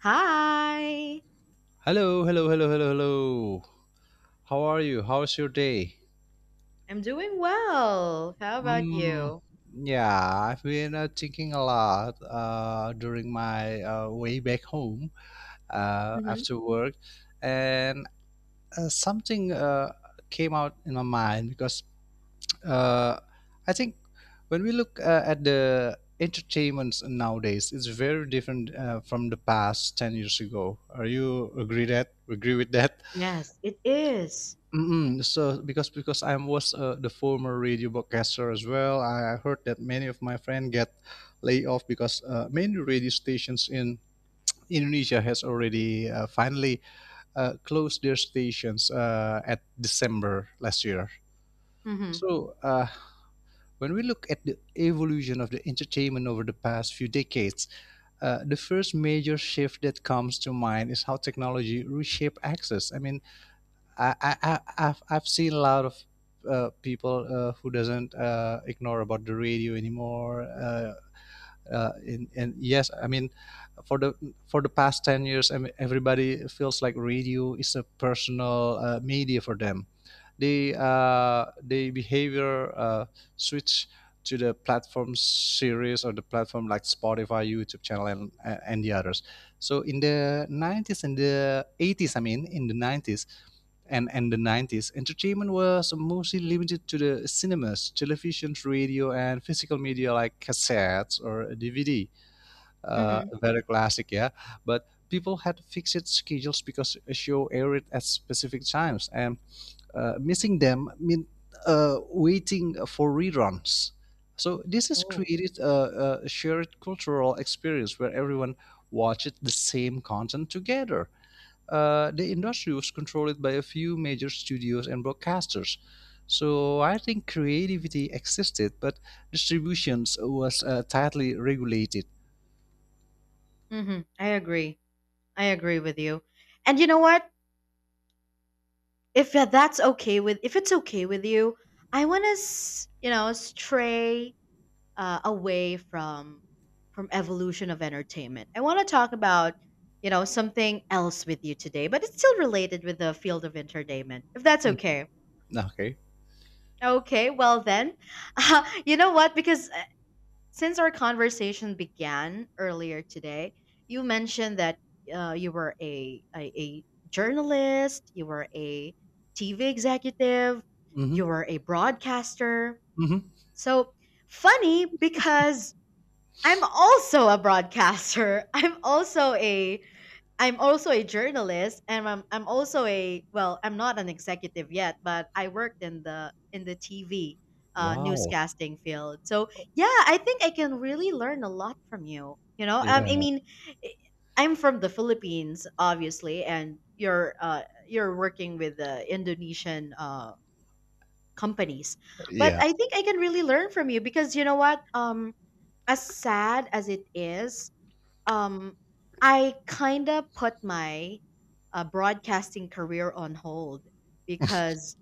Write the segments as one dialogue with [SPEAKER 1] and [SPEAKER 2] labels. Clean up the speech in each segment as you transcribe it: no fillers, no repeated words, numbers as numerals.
[SPEAKER 1] Hi,
[SPEAKER 2] Hello, hello, hello, hello, hello. How are you? How's your day?
[SPEAKER 1] I'm doing well. How about
[SPEAKER 2] Mm,
[SPEAKER 1] you?
[SPEAKER 2] yeah, I've been thinking a lot during my way back home
[SPEAKER 1] Hmm.
[SPEAKER 2] after work, and something came out in my mind because uh, I think when we look at the entertainments nowadays, it's very different from the past 10 years ago. Are you agree that agree with that?
[SPEAKER 1] Yes, it is.
[SPEAKER 2] Mm-mm. So because I was the former radio broadcaster as well, I heard that many of my friends get laid off because many radio stations in Indonesia has already finally closed their stations at December last year.
[SPEAKER 1] Mm-hmm.
[SPEAKER 2] So when we look at the evolution of the entertainment over the past few decades, the first major shift that comes to mind is how technology reshaped access. I mean, I, I, I I've seen a lot of people who doesn't ignore about the radio anymore. And yes, I mean, for the for the past 10 years, I mean, everybody feels like radio is a personal media for them. They behavior switch to the platform series or the platform like Spotify, YouTube channel, and the others. So in the 90s and the 80s, I mean, in the 90s, and the 90s entertainment was mostly limited to the cinemas, television, radio, and physical media like cassettes or a DVD.
[SPEAKER 1] Mm-hmm.
[SPEAKER 2] Very classic, yeah. But people had fixed schedules because a show aired at specific times and missing them meant waiting for reruns. So this has
[SPEAKER 1] Oh.
[SPEAKER 2] created a shared cultural experience where everyone watched the same content together. The industry was controlled by a few major studios and broadcasters. So I think creativity existed, but distributions was tightly regulated.
[SPEAKER 1] Mm-hmm. I agree. I agree with you. And you know what? If tha- That's okay with, if it's okay with you, I want to, stray away from evolution of entertainment. I want to talk about, something else with you today, but it's still related with the field of entertainment. If that's
[SPEAKER 2] Mm,
[SPEAKER 1] okay.
[SPEAKER 2] okay.
[SPEAKER 1] Okay, well then, you know what? Because Since our conversation began earlier today, you mentioned that you were a journalist, you were a TV executive,
[SPEAKER 2] Mm-hmm.
[SPEAKER 1] you were a broadcaster.
[SPEAKER 2] Mm-hmm.
[SPEAKER 1] So funny because I'm also a broadcaster. I'm also a journalist and I'm also a well, I'm not an executive yet, but I worked in the TV
[SPEAKER 2] Wow.
[SPEAKER 1] newscasting field. So, yeah, I think I can really learn a lot from you. You know, I
[SPEAKER 2] Yeah.
[SPEAKER 1] mean, I- I'm from the Philippines, obviously, and you're you're working with the Indonesian companies. But
[SPEAKER 2] Yeah.
[SPEAKER 1] I think I can really learn from you because you know what? As sad as it is, um, I kind of put my broadcasting career on hold because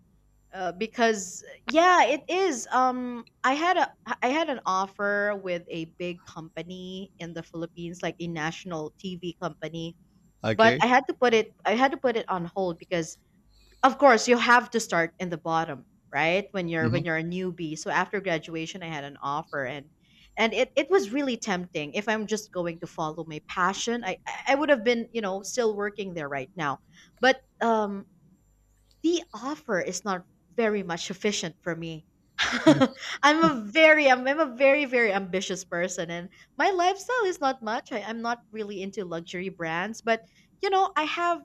[SPEAKER 1] because yeah, it is. I had an offer with a big company in the Philippines, like a national TV company, but I
[SPEAKER 2] Okay.
[SPEAKER 1] had to put it I had to put it on hold because of course you have to start in the bottom right
[SPEAKER 2] Mm-hmm.
[SPEAKER 1] when you're a newbie. So after graduation I had an offer, and it was really tempting. If I'm just going to follow my passion, I would have been, still working there right now. But um the offer is not very much sufficient for me. I'm a very I'm a very ambitious person, and my lifestyle is not much. I'm not really into luxury brands, but you know,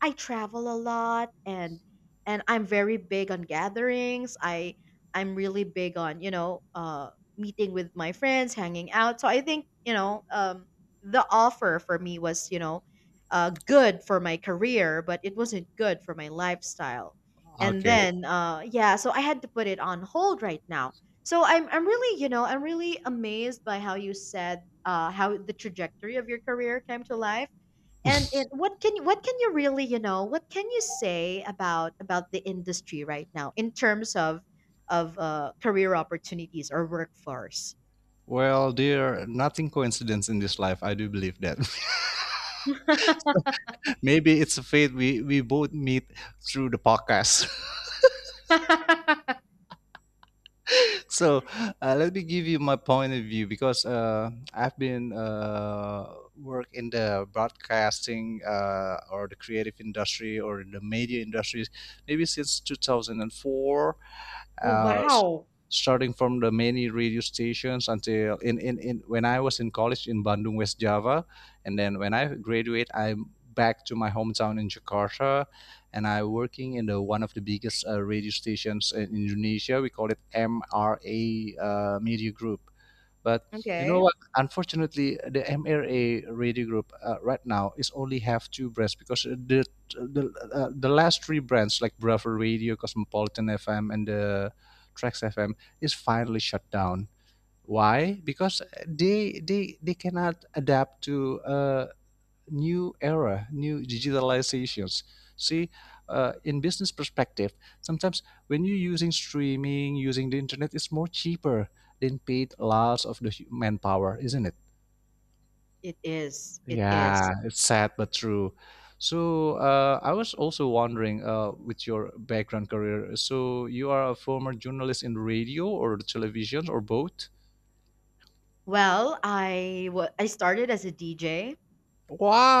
[SPEAKER 1] I travel a lot, and I'm very big on gatherings. I'm really big on, meeting with my friends, hanging out. So I think, the offer for me was, good for my career, but it wasn't good for my lifestyle. And
[SPEAKER 2] Okay.
[SPEAKER 1] then, yeah, so I had to put it on hold right now. So I'm really, I'm really amazed by how you said how the trajectory of your career came to life. What can you really, what can you say about the industry right now in terms of career opportunities or workforce?
[SPEAKER 2] Well, dear, nothing coincidence in this life. I do believe that.
[SPEAKER 1] Oh.
[SPEAKER 2] Maybe it's a fate we both meet through the podcast. So let me give you my point of view because I've been work in the broadcasting or the creative industry or in the media industries maybe since 2004, uh, s-
[SPEAKER 1] Wow.
[SPEAKER 2] starting from the many radio stations until in when I was in college in Bandung, West Java, and then when I graduate, I'm back to my hometown in Jakarta, and I working in the one of the biggest radio stations in Indonesia. We call it MRA Media Group. But you know
[SPEAKER 1] Okay,
[SPEAKER 2] what? Unfortunately, the MRA radio group right now is only have two brands because the the last three brands like Bravo Radio, Cosmopolitan FM, and the Trax FM is finally shut down. Why? Because they cannot adapt to new era, new digitalizations. See, in business perspective, sometimes when you're using streaming, using the internet, it's more cheaper than paid lots of the manpower, isn't it?
[SPEAKER 1] it is. It
[SPEAKER 2] Yeah,
[SPEAKER 1] is.
[SPEAKER 2] it's sad but true. So I was also wondering, with your background career, so you are a former journalist in radio or television or both?
[SPEAKER 1] Well, I started as a DJ.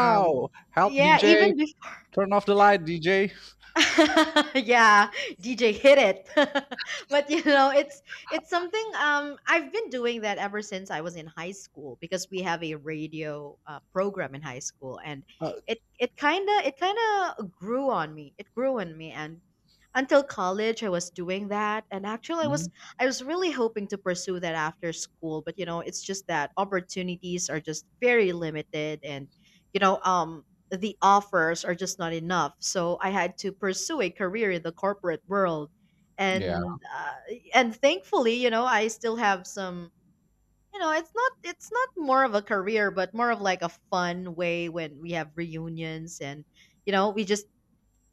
[SPEAKER 1] Um,
[SPEAKER 2] Help
[SPEAKER 1] yeah,
[SPEAKER 2] DJ!
[SPEAKER 1] even before,
[SPEAKER 2] Turn off the light, DJ.
[SPEAKER 1] yeah, DJ hit it. But you know, it's something. I've been doing that ever since I was in high school because we have a radio program in high school, and
[SPEAKER 2] Uh,
[SPEAKER 1] it kind of grew on me. It grew on me, and until college I was doing that, and actually
[SPEAKER 2] mhm.
[SPEAKER 1] I was really hoping to pursue that after school. But you know, it's just that opportunities are just very limited, and you know um the offers are just not enough. So I had to pursue a career in the corporate world,
[SPEAKER 2] Yeah.
[SPEAKER 1] and thankfully, you know, I still have some, you know, it's not more of a career but more of like a fun way. When we have reunions and you know we just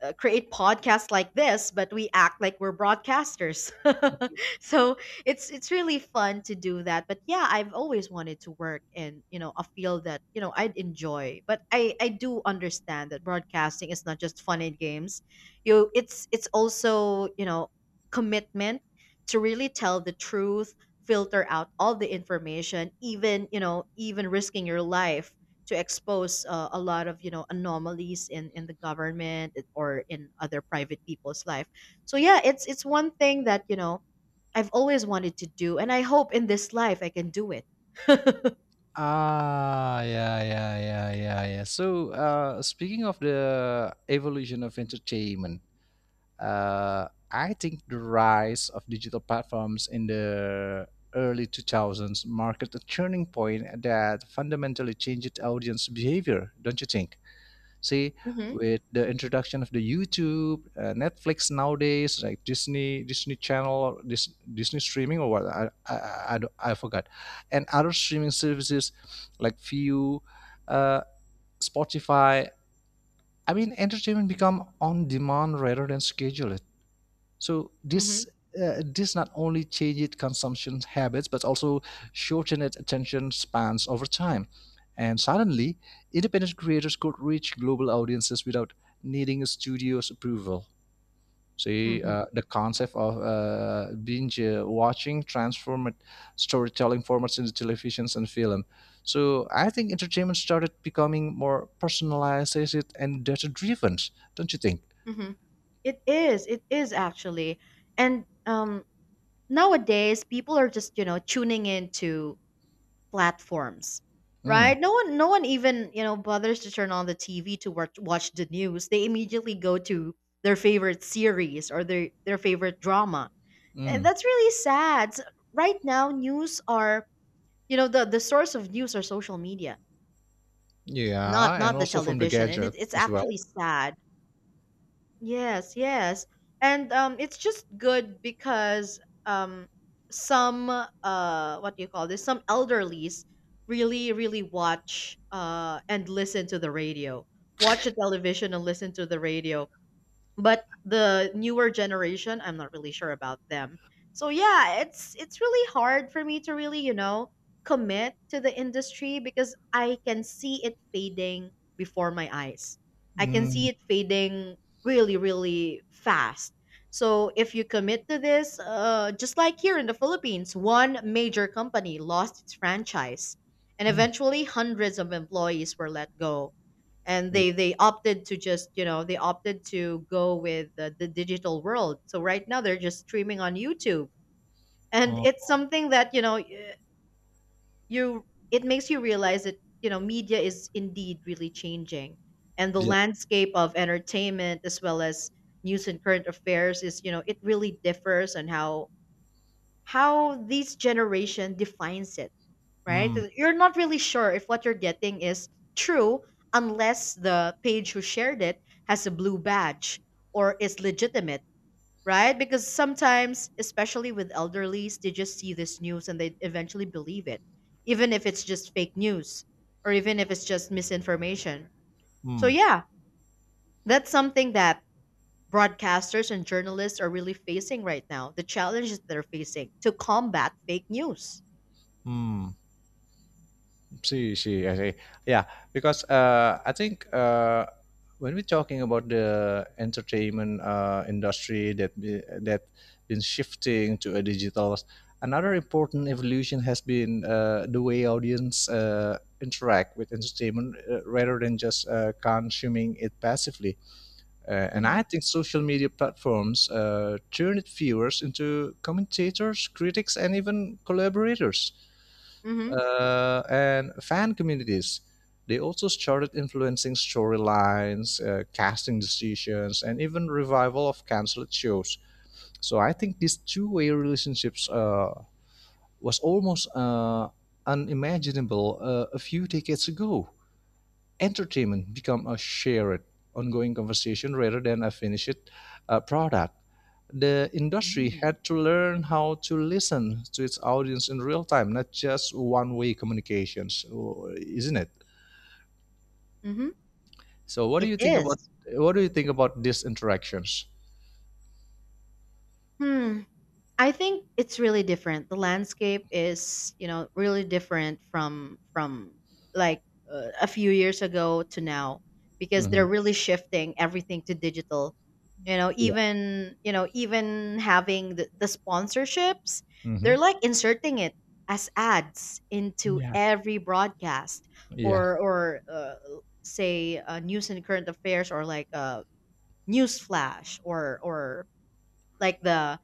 [SPEAKER 1] create podcasts like this, but we act like we're broadcasters. So it's really fun to do that. But yeah, I've always wanted to work in, you know, a field that, you know, I'd enjoy. But I do understand that broadcasting is not just fun and games. You, it's also, you know, commitment to really tell the truth, filter out all the information, even, you know, even risking your life to expose a lot of, you know, anomalies in the government or in other private people's life. So yeah, it's one thing that, you know, I've always wanted to do, and I hope in this life I can do it.
[SPEAKER 2] Ah, yeah, yeah, yeah, yeah, yeah. So, speaking of the evolution of entertainment, I think the rise of digital platforms in the early 2000s marked a turning point that fundamentally changed audience behavior, don't you think? See,
[SPEAKER 1] Mhm,
[SPEAKER 2] with the introduction of the YouTube, Netflix nowadays, like Disney, Disney Channel, Disney streaming or what, I don't- I forgot, and other streaming services like View, uh, Spotify. I mean, entertainment become on demand rather than scheduled. So
[SPEAKER 1] mhm,
[SPEAKER 2] this not only changed consumption habits but also shortened attention spans over time. And suddenly, independent creators could reach global audiences without needing a studio's approval. See,
[SPEAKER 1] mhm,
[SPEAKER 2] the concept of binge watching transformed storytelling formats into televisions and film. So I think entertainment started becoming more personalized and data driven, don't you think?
[SPEAKER 1] mhm. It is. It is actually. And nowadays people are just, you know, tuning into platforms
[SPEAKER 2] Mm,
[SPEAKER 1] right. No one even, you know, bothers to turn on the TV to watch the news. They immediately go to their favorite series or their favorite drama, and
[SPEAKER 2] mm.
[SPEAKER 1] that's really sad. Right now news are, you know, the source of news are social media,
[SPEAKER 2] Yeah,
[SPEAKER 1] not
[SPEAKER 2] and
[SPEAKER 1] the
[SPEAKER 2] also from the
[SPEAKER 1] television, and
[SPEAKER 2] gadget
[SPEAKER 1] it's
[SPEAKER 2] as well.
[SPEAKER 1] actually sad. Yes, yes. And it's just good because um some what do you call this? Some elderlies really really watch and listen to the radio. Watch the television and listen to the radio, but the newer generation, I'm not really sure about them. So yeah, it's really hard for me to really, you know, commit to the industry because I can see it fading before my eyes. I can see
[SPEAKER 2] Mm,
[SPEAKER 1] it fading really really fast. So if you commit to this just like here in the Philippines, one major company lost its franchise, and
[SPEAKER 2] mm,
[SPEAKER 1] eventually hundreds of employees were let go, and they opted to just, you know, they opted to go with the digital world. So right now they're just streaming on YouTube, and
[SPEAKER 2] uh,
[SPEAKER 1] it's something that, you know, you it makes you realize that, you know, media is indeed really changing, and the
[SPEAKER 2] yeah.
[SPEAKER 1] landscape of entertainment as well as news and current affairs is, you know, it really differs on how this generation defines it, right?
[SPEAKER 2] Mm,
[SPEAKER 1] You're not really sure if what you're getting is true unless the page who shared it has a blue badge or is legitimate, right? Because sometimes, especially with elderlies, they just see this news and they eventually believe it, even if it's just fake news or even if it's just misinformation. So
[SPEAKER 2] mm,
[SPEAKER 1] yeah, that's something that broadcasters and journalists are really facing right now, the challenges they're facing to combat fake news.
[SPEAKER 2] mm. See, see, I see. Yeah, because I think when we're talking about the entertainment industry that been shifting to a digital, another important evolution has been the way audience interact with entertainment rather than just consuming it passively. And
[SPEAKER 1] Hmm.
[SPEAKER 2] I think social media platforms turned viewers into commentators, critics, and even collaborators
[SPEAKER 1] Hmm.
[SPEAKER 2] and fan communities. They also started influencing storylines, casting decisions, and even revival of cancelled shows. So I think these two-way relationships was almost unimaginable a few decades ago. Entertainment become a shared, ongoing conversation rather than a finished product. The industry
[SPEAKER 1] Hmm.
[SPEAKER 2] had to learn how to listen to its audience in real time, not just one-way communications, isn't it?
[SPEAKER 1] Hmm.
[SPEAKER 2] So,
[SPEAKER 1] It is.
[SPEAKER 2] what do you think about these interactions?
[SPEAKER 1] Hmm. I think it's really different. The landscape is, you know, really different from like a few years ago to now because
[SPEAKER 2] Hmm.
[SPEAKER 1] they're really shifting everything to digital. You know,
[SPEAKER 2] Yeah.
[SPEAKER 1] even, you know, even having the sponsorships,
[SPEAKER 2] Hmm.
[SPEAKER 1] they're like inserting it as ads into
[SPEAKER 2] Yeah.
[SPEAKER 1] every broadcast,
[SPEAKER 2] Yeah.
[SPEAKER 1] or say news and current affairs, or like a news flash, or like the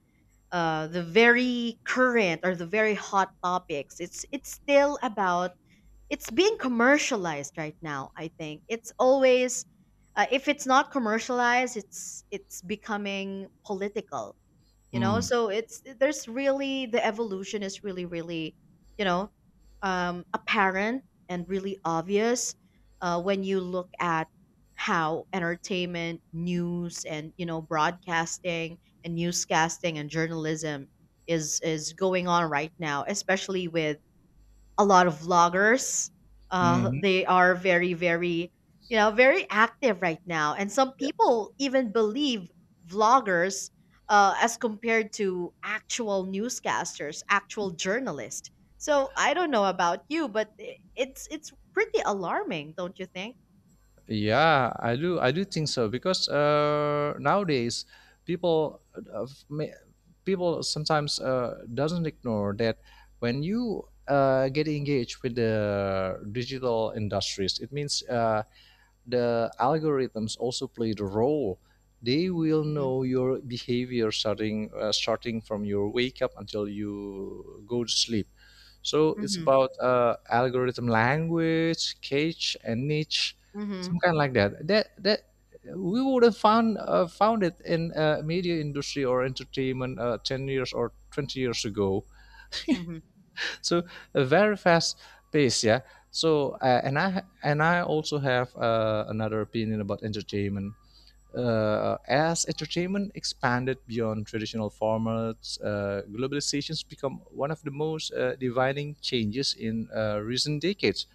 [SPEAKER 1] uh, the very current or the very hot topics. It's still about, it's being commercialized right now. I think it's always if it's not commercialized, it's becoming political. You know,
[SPEAKER 2] Mm.
[SPEAKER 1] so it's there's really the evolution is really really, you know apparent and really obvious when you look at how entertainment news and, you know, broadcasting and newscasting and journalism is going on right now, especially with a lot of vloggers.
[SPEAKER 2] Hmm.
[SPEAKER 1] They are you know, very active right now. And some people even believe vloggers as compared to actual newscasters, actual journalists. So I don't know about you, but it's pretty alarming, don't you think?
[SPEAKER 2] Yeah, I do. I do think so because nowadays people uh, f- may- people sometimes doesn't ignore that when you get engaged with the digital industries, it means the algorithms also play the role. They will
[SPEAKER 1] Mm-hmm.
[SPEAKER 2] know your behavior starting from your wake up until you go to sleep. So it's
[SPEAKER 1] Mm-hmm.
[SPEAKER 2] about algorithm language, cache, and niche,
[SPEAKER 1] Mm-hmm.
[SPEAKER 2] some kind like that. That we would have found it in media industry or entertainment 10 years or 20 years ago. So a very fast pace, yeah. So, and I also have another opinion about entertainment. As entertainment expanded beyond traditional formats, globalization's become one of the most defining changes in recent decades.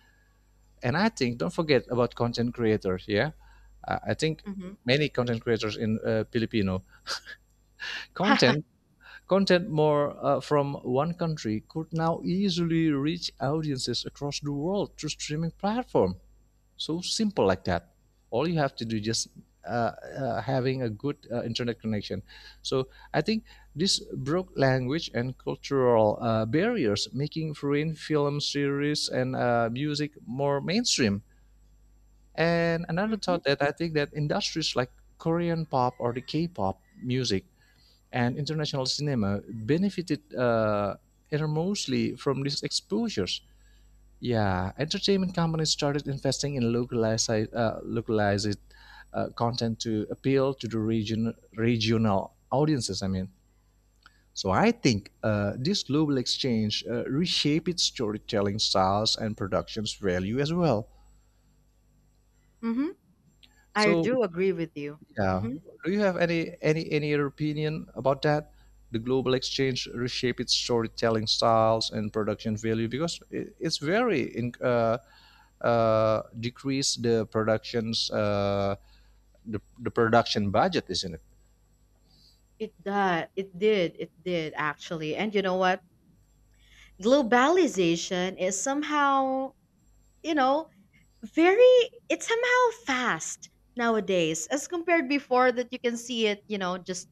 [SPEAKER 2] And I think, don't forget about content creators. Yeah, I think
[SPEAKER 1] Mm-hmm.
[SPEAKER 2] many content creators in Filipino content content more from one country could now easily reach audiences across the world through streaming platform, so simple like that. All you have to do is just uh, having a good internet connection. So I think this broke language and cultural barriers making foreign film series and music more mainstream. And another
[SPEAKER 1] Mm-hmm.
[SPEAKER 2] thought that I think that industries like Korean pop or the K-pop music and international cinema benefited enormously from these exposures. Yeah, entertainment companies started investing in localized content to appeal to the regional audiences. I mean, so I think this global exchange reshaped its storytelling styles and production's value as well.
[SPEAKER 1] Mm-hmm. I
[SPEAKER 2] So.
[SPEAKER 1] do agree with you.
[SPEAKER 2] Yeah.
[SPEAKER 1] Mm-hmm.
[SPEAKER 2] Do you have any other opinion about that? The global exchange reshape its storytelling styles and production value because it's very in, decrease the productions, the production budget, isn't it?
[SPEAKER 1] It does. It did. It did actually. And you know what? Globalization is somehow, you know, very, it's somehow fast nowadays as compared before that you can see it, you know, just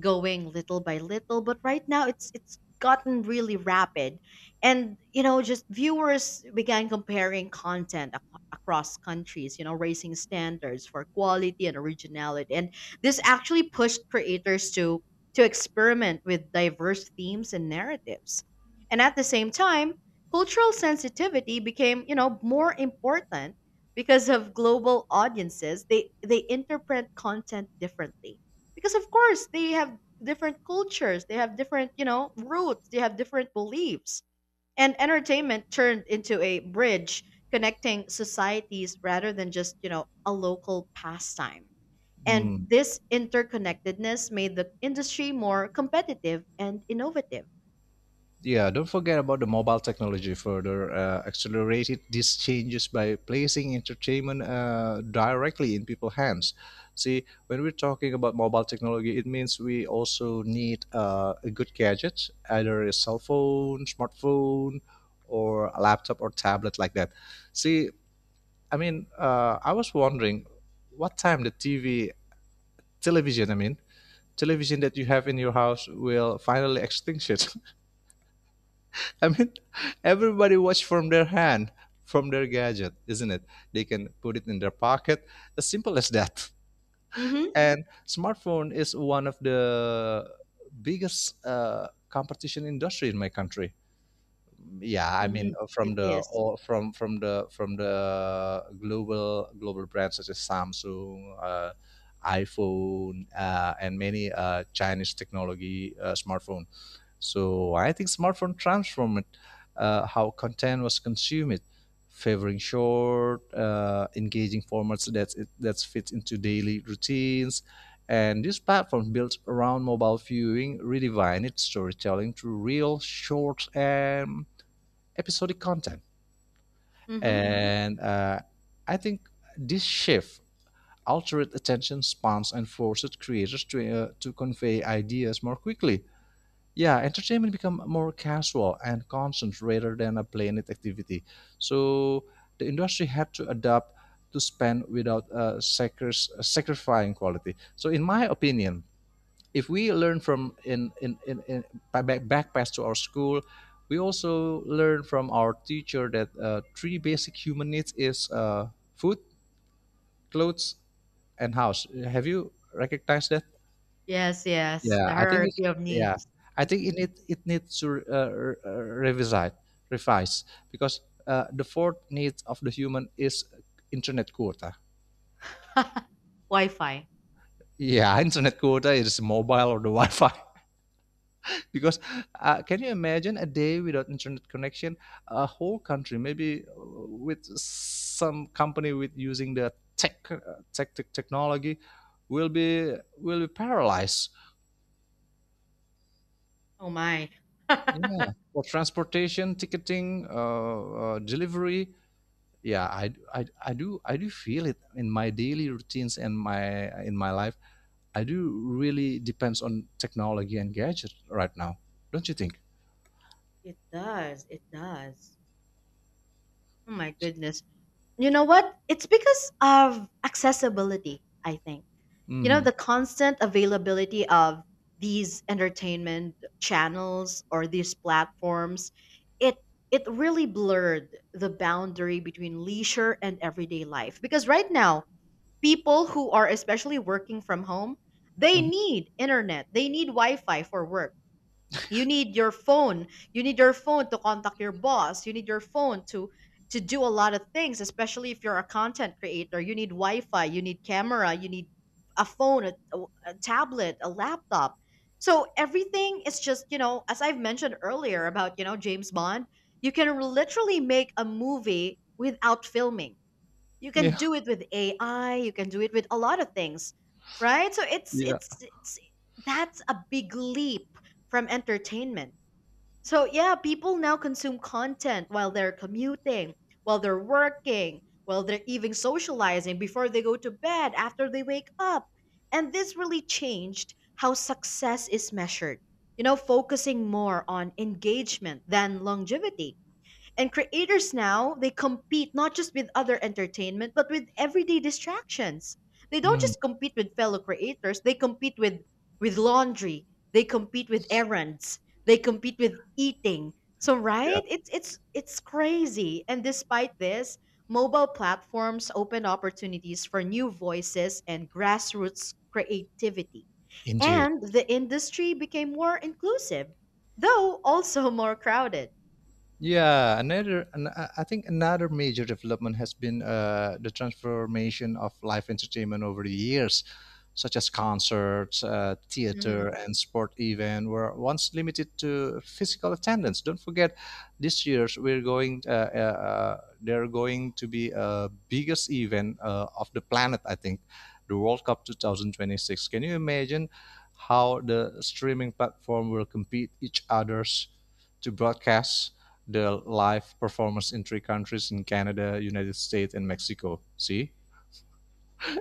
[SPEAKER 1] going little by little, but right now it's gotten really rapid. And you know, just viewers began comparing content across countries, you know, raising standards for quality and originality, and this actually pushed creators to experiment with diverse themes and narratives. And at the same time, cultural sensitivity became, you know, more important because of global audiences. They interpret content differently because of course they have different cultures, they have different, you know, roots, they have different beliefs, and entertainment turned into a bridge connecting societies rather than just, you know, a local pastime. And
[SPEAKER 2] Hmm.
[SPEAKER 1] this interconnectedness made the industry more competitive and innovative.
[SPEAKER 2] Yeah, don't forget about the mobile technology further accelerated these changes by placing entertainment directly in people's hands. See, when we're talking about mobile technology, it means we also need a good gadget, either a cell phone, smartphone, or a laptop or tablet like that. See, I mean, I was wondering what time the TV, television, I mean, television that you have in your house will finally extinguish. I mean, everybody watch from their hand, from their gadget, isn't it? They can put it in their pocket, as simple as that.
[SPEAKER 1] Mm-hmm.
[SPEAKER 2] And smartphone is one of the biggest competition industry in my country. Yeah, I mean,
[SPEAKER 1] Mm-hmm.
[SPEAKER 2] from
[SPEAKER 1] It
[SPEAKER 2] the
[SPEAKER 1] is.
[SPEAKER 2] all from the global brands such as Samsung, iPhone, and many Chinese technology smartphone. So I think smartphone transformed how content was consumed, favoring short, engaging formats that fits into daily routines. And this platform built around mobile viewing redefined its storytelling through real, short, and episodic content.
[SPEAKER 1] Mm-hmm.
[SPEAKER 2] And I think this shift altered attention spans and forced creators to convey ideas more quickly. Yeah, entertainment become more casual and constant rather than a planned activity. So the industry had to adapt to spend without sacrificing quality. So in my opinion if we learn from in back past to our school, we also learn from our teacher that three basic human needs is food, clothes, and house. Have you recognized that?
[SPEAKER 1] Yes, yes,
[SPEAKER 2] Yeah,
[SPEAKER 1] the
[SPEAKER 2] I think it's,
[SPEAKER 1] hierarchy of
[SPEAKER 2] yeah.
[SPEAKER 1] needs.
[SPEAKER 2] I think it needs to revise revise because the fourth need of the human is internet quota.
[SPEAKER 1] Wi-Fi.
[SPEAKER 2] Yeah, internet quota is mobile or the Wi-Fi. Because can you imagine a day without internet connection? A whole country, maybe with some company with using the tech technology, will be paralyzed.
[SPEAKER 1] Oh my. It
[SPEAKER 2] Yeah, for transportation, ticketing, delivery. Yeah, I do feel it in my daily routines and my in my life. I do really depends on technology and gadget right now, don't you think?
[SPEAKER 1] does. It does. Oh my goodness. You know what? It's because of accessibility, I think. You know,
[SPEAKER 2] Mm-hmm.
[SPEAKER 1] the constant availability of these entertainment channels or these platforms, it it really blurred the boundary between leisure and everyday life. Because right now, people who are especially working from home, they
[SPEAKER 2] hmm
[SPEAKER 1] need internet. They need Wi-Fi for work. You need your phone. You need your phone to contact your boss. You need your phone to do a lot of things, especially if you're a content creator. You need Wi-Fi, you need camera, you need a phone, a tablet, a laptop. So everything is just, you know, as I've mentioned earlier about, you know, James Bond, you can literally make a movie without filming. You can
[SPEAKER 2] Yeah,
[SPEAKER 1] do it with AI, you can do it with a lot of things, right? So
[SPEAKER 2] yeah,
[SPEAKER 1] it's that's a big leap from entertainment. So yeah, people now consume content while they're commuting, while they're working, while they're even socializing, before they go to bed, after they wake up. And this really changed how success is measured. You know, focusing more on engagement than longevity. And creators now, they compete not just with other entertainment, but with everyday distractions. They don't
[SPEAKER 2] mm.
[SPEAKER 1] just compete with fellow creators, they compete with laundry, they compete with errands, they compete with eating. So
[SPEAKER 2] yeah,
[SPEAKER 1] right? It's crazy. And despite this, mobile platforms open opportunities for new voices and grassroots creativity.
[SPEAKER 2] indeed.
[SPEAKER 1] And the industry became more inclusive, though also more crowded.
[SPEAKER 2] Yeah, another, an, I think another major development has been the transformation of live entertainment over the years, such as concerts,
[SPEAKER 1] Mm-hmm.
[SPEAKER 2] theater, and sport event were once limited to physical attendance. Don't forget, this year's they're going to be a biggest event of the planet. I think the World Cup 2026. Can you imagine how the streaming platform will compete each others to broadcast the live performance in three countries in Canada, United States, and Mexico. See?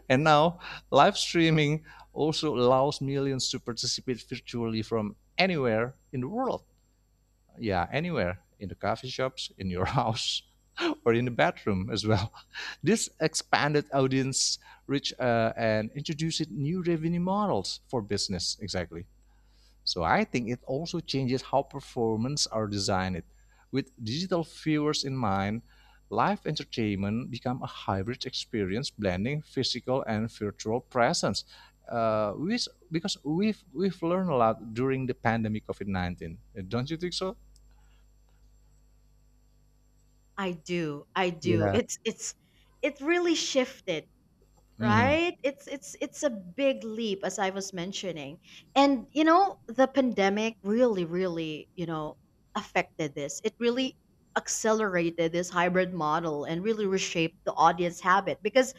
[SPEAKER 2] And now, live streaming also allows millions to participate virtually from anywhere in the world. Yeah, anywhere in the coffee shops, in your house, or in the bathroom as well. This expanded audience reach and introduces new revenue models for business. Exactly. So I think it also changes how performance are designed. With digital viewers in mind, live entertainment become a hybrid experience blending physical and virtual presence. Because we've learned a lot during the pandemic COVID-19, don't you think so?
[SPEAKER 1] I do. I do. It's it really shifted,
[SPEAKER 2] hmm
[SPEAKER 1] right? It's a big leap, as I was mentioning. And you know, the pandemic really, you know, affected this. It really accelerated this hybrid model and really reshaped the audience habit, because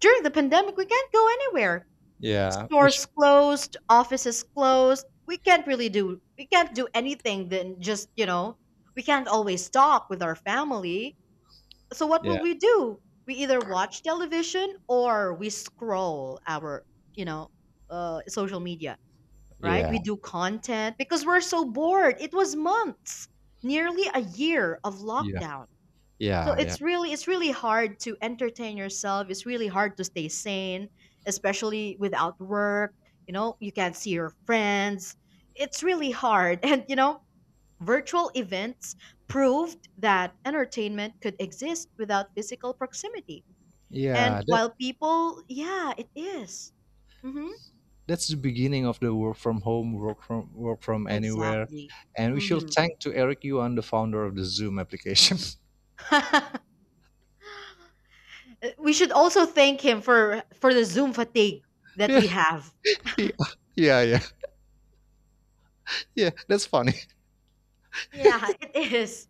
[SPEAKER 1] during the pandemic we can't go anywhere.
[SPEAKER 2] Yeah, we
[SPEAKER 1] Stores closed, offices closed. We can't really do, we can't do anything than just, you know, we can't always talk with our family, so what will
[SPEAKER 2] yeah,
[SPEAKER 1] we do? We either watch television or we scroll our, you know, social media, right?
[SPEAKER 2] yeah,
[SPEAKER 1] We do content because we're so bored. It was months, nearly a year of
[SPEAKER 2] yeah,
[SPEAKER 1] lockdown. So
[SPEAKER 2] yeah, yeah,
[SPEAKER 1] it's really hard to entertain yourself. It's really hard to stay sane, especially without work. You know, you can't see your friends. It's really hard. And you know, virtual events proved that entertainment could exist without physical proximity. And
[SPEAKER 2] yeah.
[SPEAKER 1] while people, yeah, it is. Mm-hmm.
[SPEAKER 2] That's the beginning of the work from home, work from anywhere,
[SPEAKER 1] Exactly.
[SPEAKER 2] and we should
[SPEAKER 1] Mm-hmm.
[SPEAKER 2] thank to Eric Yuan, the founder of the Zoom application.
[SPEAKER 1] We should also thank him for the Zoom fatigue that
[SPEAKER 2] yeah,
[SPEAKER 1] we have.
[SPEAKER 2] yeah, yeah, yeah, yeah. That's funny.
[SPEAKER 1] Yeah, it is.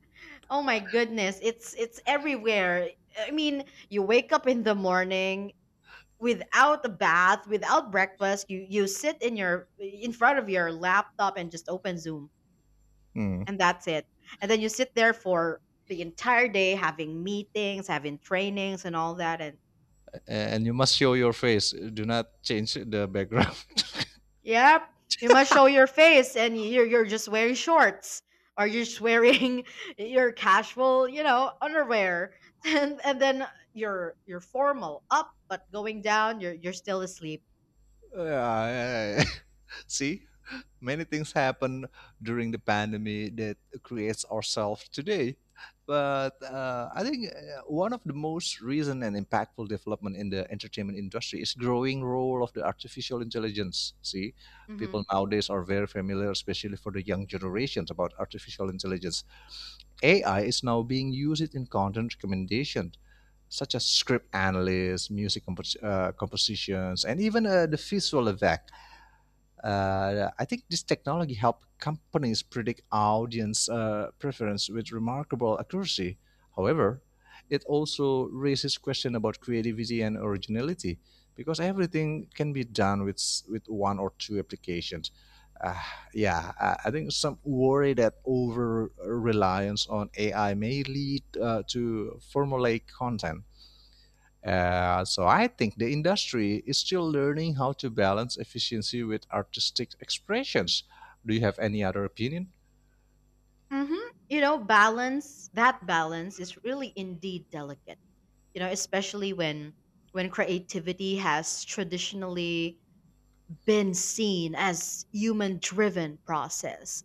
[SPEAKER 1] Oh my goodness, it's everywhere. I mean, you wake up in the morning without a bath, without breakfast. You sit in your in front of your laptop and just open Zoom.
[SPEAKER 2] Hmm.
[SPEAKER 1] And that's it. And then you sit there for the entire day, having meetings, having trainings and all that, and
[SPEAKER 2] And you must show your face. Do not change the background.
[SPEAKER 1] yep, you must show your face, and you're just wearing shorts, or you're just wearing your casual, you know, underwear. And then you're formal up, but going down you're still asleep.
[SPEAKER 2] Yeah, yeah, yeah. See, many things happen during the pandemic that creates ourselves today. But I think one of the most recent and impactful development in the entertainment industry is growing role of the artificial intelligence. See,
[SPEAKER 1] Mhm.
[SPEAKER 2] people nowadays are very familiar, especially for the young generations, about artificial intelligence. AI is now being used in content recommendations, such as script analysis, music compositions, and even the visual effect. I think this technology helped companies predict audience preference with remarkable accuracy. However, it also raises question about creativity and originality because everything can be done with one or two applications. Uh, I think some worry that over reliance on AI may lead to formulaic content so I think the industry is still learning how to balance efficiency with artistic expressions. Do you have any other opinion?
[SPEAKER 1] Mhm. You know, balance, that balance is really indeed delicate. You know, especially when creativity has traditionally been seen as human driven process.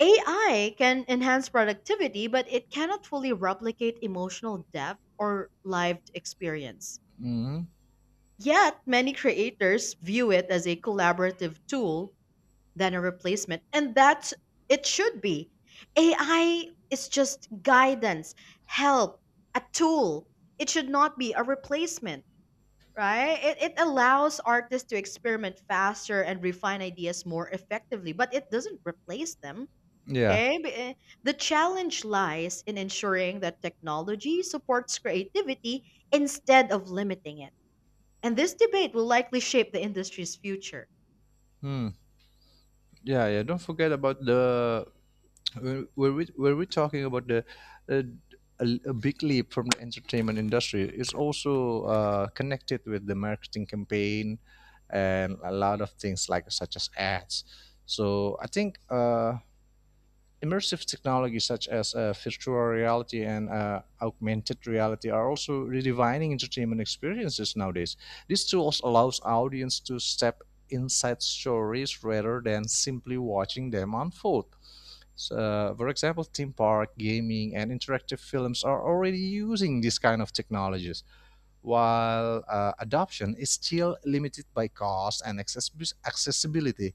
[SPEAKER 1] AI can enhance productivity, but it cannot fully replicate emotional depth or lived experience.
[SPEAKER 2] hmm
[SPEAKER 1] Yet, many creators view it as a collaborative tool than a replacement, and that it should be. AI is just guidance, help, a tool. It should not be a replacement, right? It allows artists to experiment faster and refine ideas more effectively, but it doesn't replace them.
[SPEAKER 2] Yeah.
[SPEAKER 1] Okay, B- eh, the challenge lies in ensuring that technology supports creativity instead of limiting it. And this debate will likely shape the industry's future.
[SPEAKER 2] Hmm. Yeah, yeah. Don't forget about the, were we talking about the uh, a big leap from the entertainment industry? It's also connected with the marketing campaign and a lot of things like such as ads. So I think immersive technologies such as virtual reality and augmented reality are also redefining entertainment experiences nowadays. These tools allows audience to step inside stories rather than simply watching them unfold. So, for example, theme park, gaming, and interactive films are already using these kind of technologies, while adoption is still limited by cost and accessibility.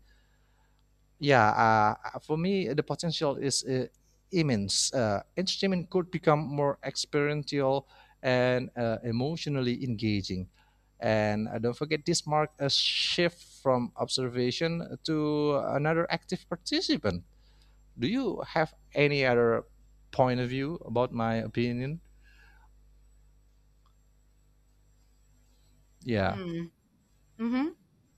[SPEAKER 2] Yeah, for me, the potential is immense. Entertainment could become more experiential and emotionally engaging. And don't forget, this marked a shift from observation to another active participant. Do you have any other point of view about my opinion? Yeah.
[SPEAKER 1] Hmm. Mm-hmm.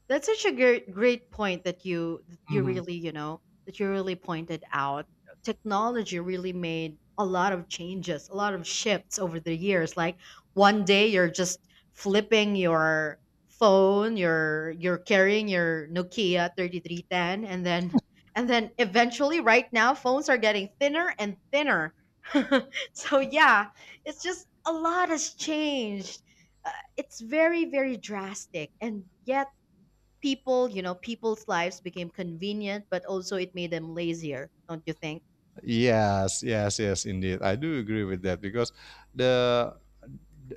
[SPEAKER 1] That's such a great point that you
[SPEAKER 2] Mhm.
[SPEAKER 1] really, you know, that you really pointed out. Technology really made a lot of changes, a lot of shifts over the years. Like one day you're just flipping your phone, you're carrying your Nokia 3310, and then eventually right now phones are getting thinner and thinner. So yeah, it's just a lot has changed. Uh, it's very drastic, and yet people, you know, people's lives became convenient, but also it made them lazier, don't you think?
[SPEAKER 2] Yes, yes, yes, indeed. I do agree with that because the,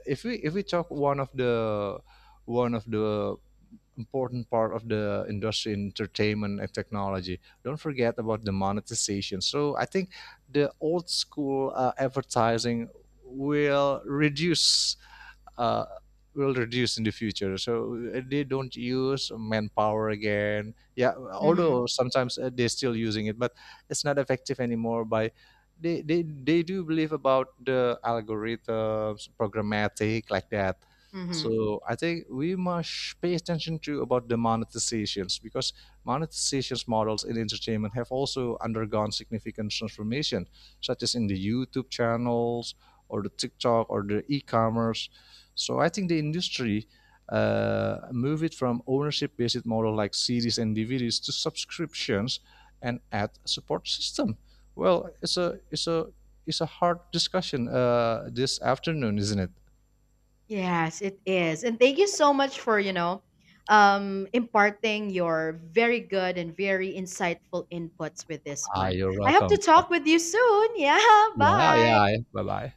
[SPEAKER 2] if we talk one of the, one of the important part of the industry in entertainment and technology, don't forget about the monetization. So I think the old school advertising will reduce, uh, will reduce in the future. So they don't use manpower again. Yeah,
[SPEAKER 1] Mhm.
[SPEAKER 2] although sometimes they're still using it, but it's not effective anymore. By they do believe about the algorithms, programmatic like that.
[SPEAKER 1] Mhm.
[SPEAKER 2] So I think we must pay attention to about the monetizations, because monetizations models in entertainment have also undergone significant transformation, such as in the YouTube channels or the TikTok or the e-commerce. So I think the industry move it from ownership-based model like CDs and DVDs to subscriptions and ad support system. Well, it's a hard discussion this afternoon, isn't it?
[SPEAKER 1] Yes, it is. And thank you so much for, you know, imparting your very good and very insightful inputs with this
[SPEAKER 2] Ah,
[SPEAKER 1] one.
[SPEAKER 2] you're
[SPEAKER 1] I hope to
[SPEAKER 2] welcome.
[SPEAKER 1] talk with you soon. Yeah,
[SPEAKER 2] Yeah,
[SPEAKER 1] bye.
[SPEAKER 2] yeah. Bye bye.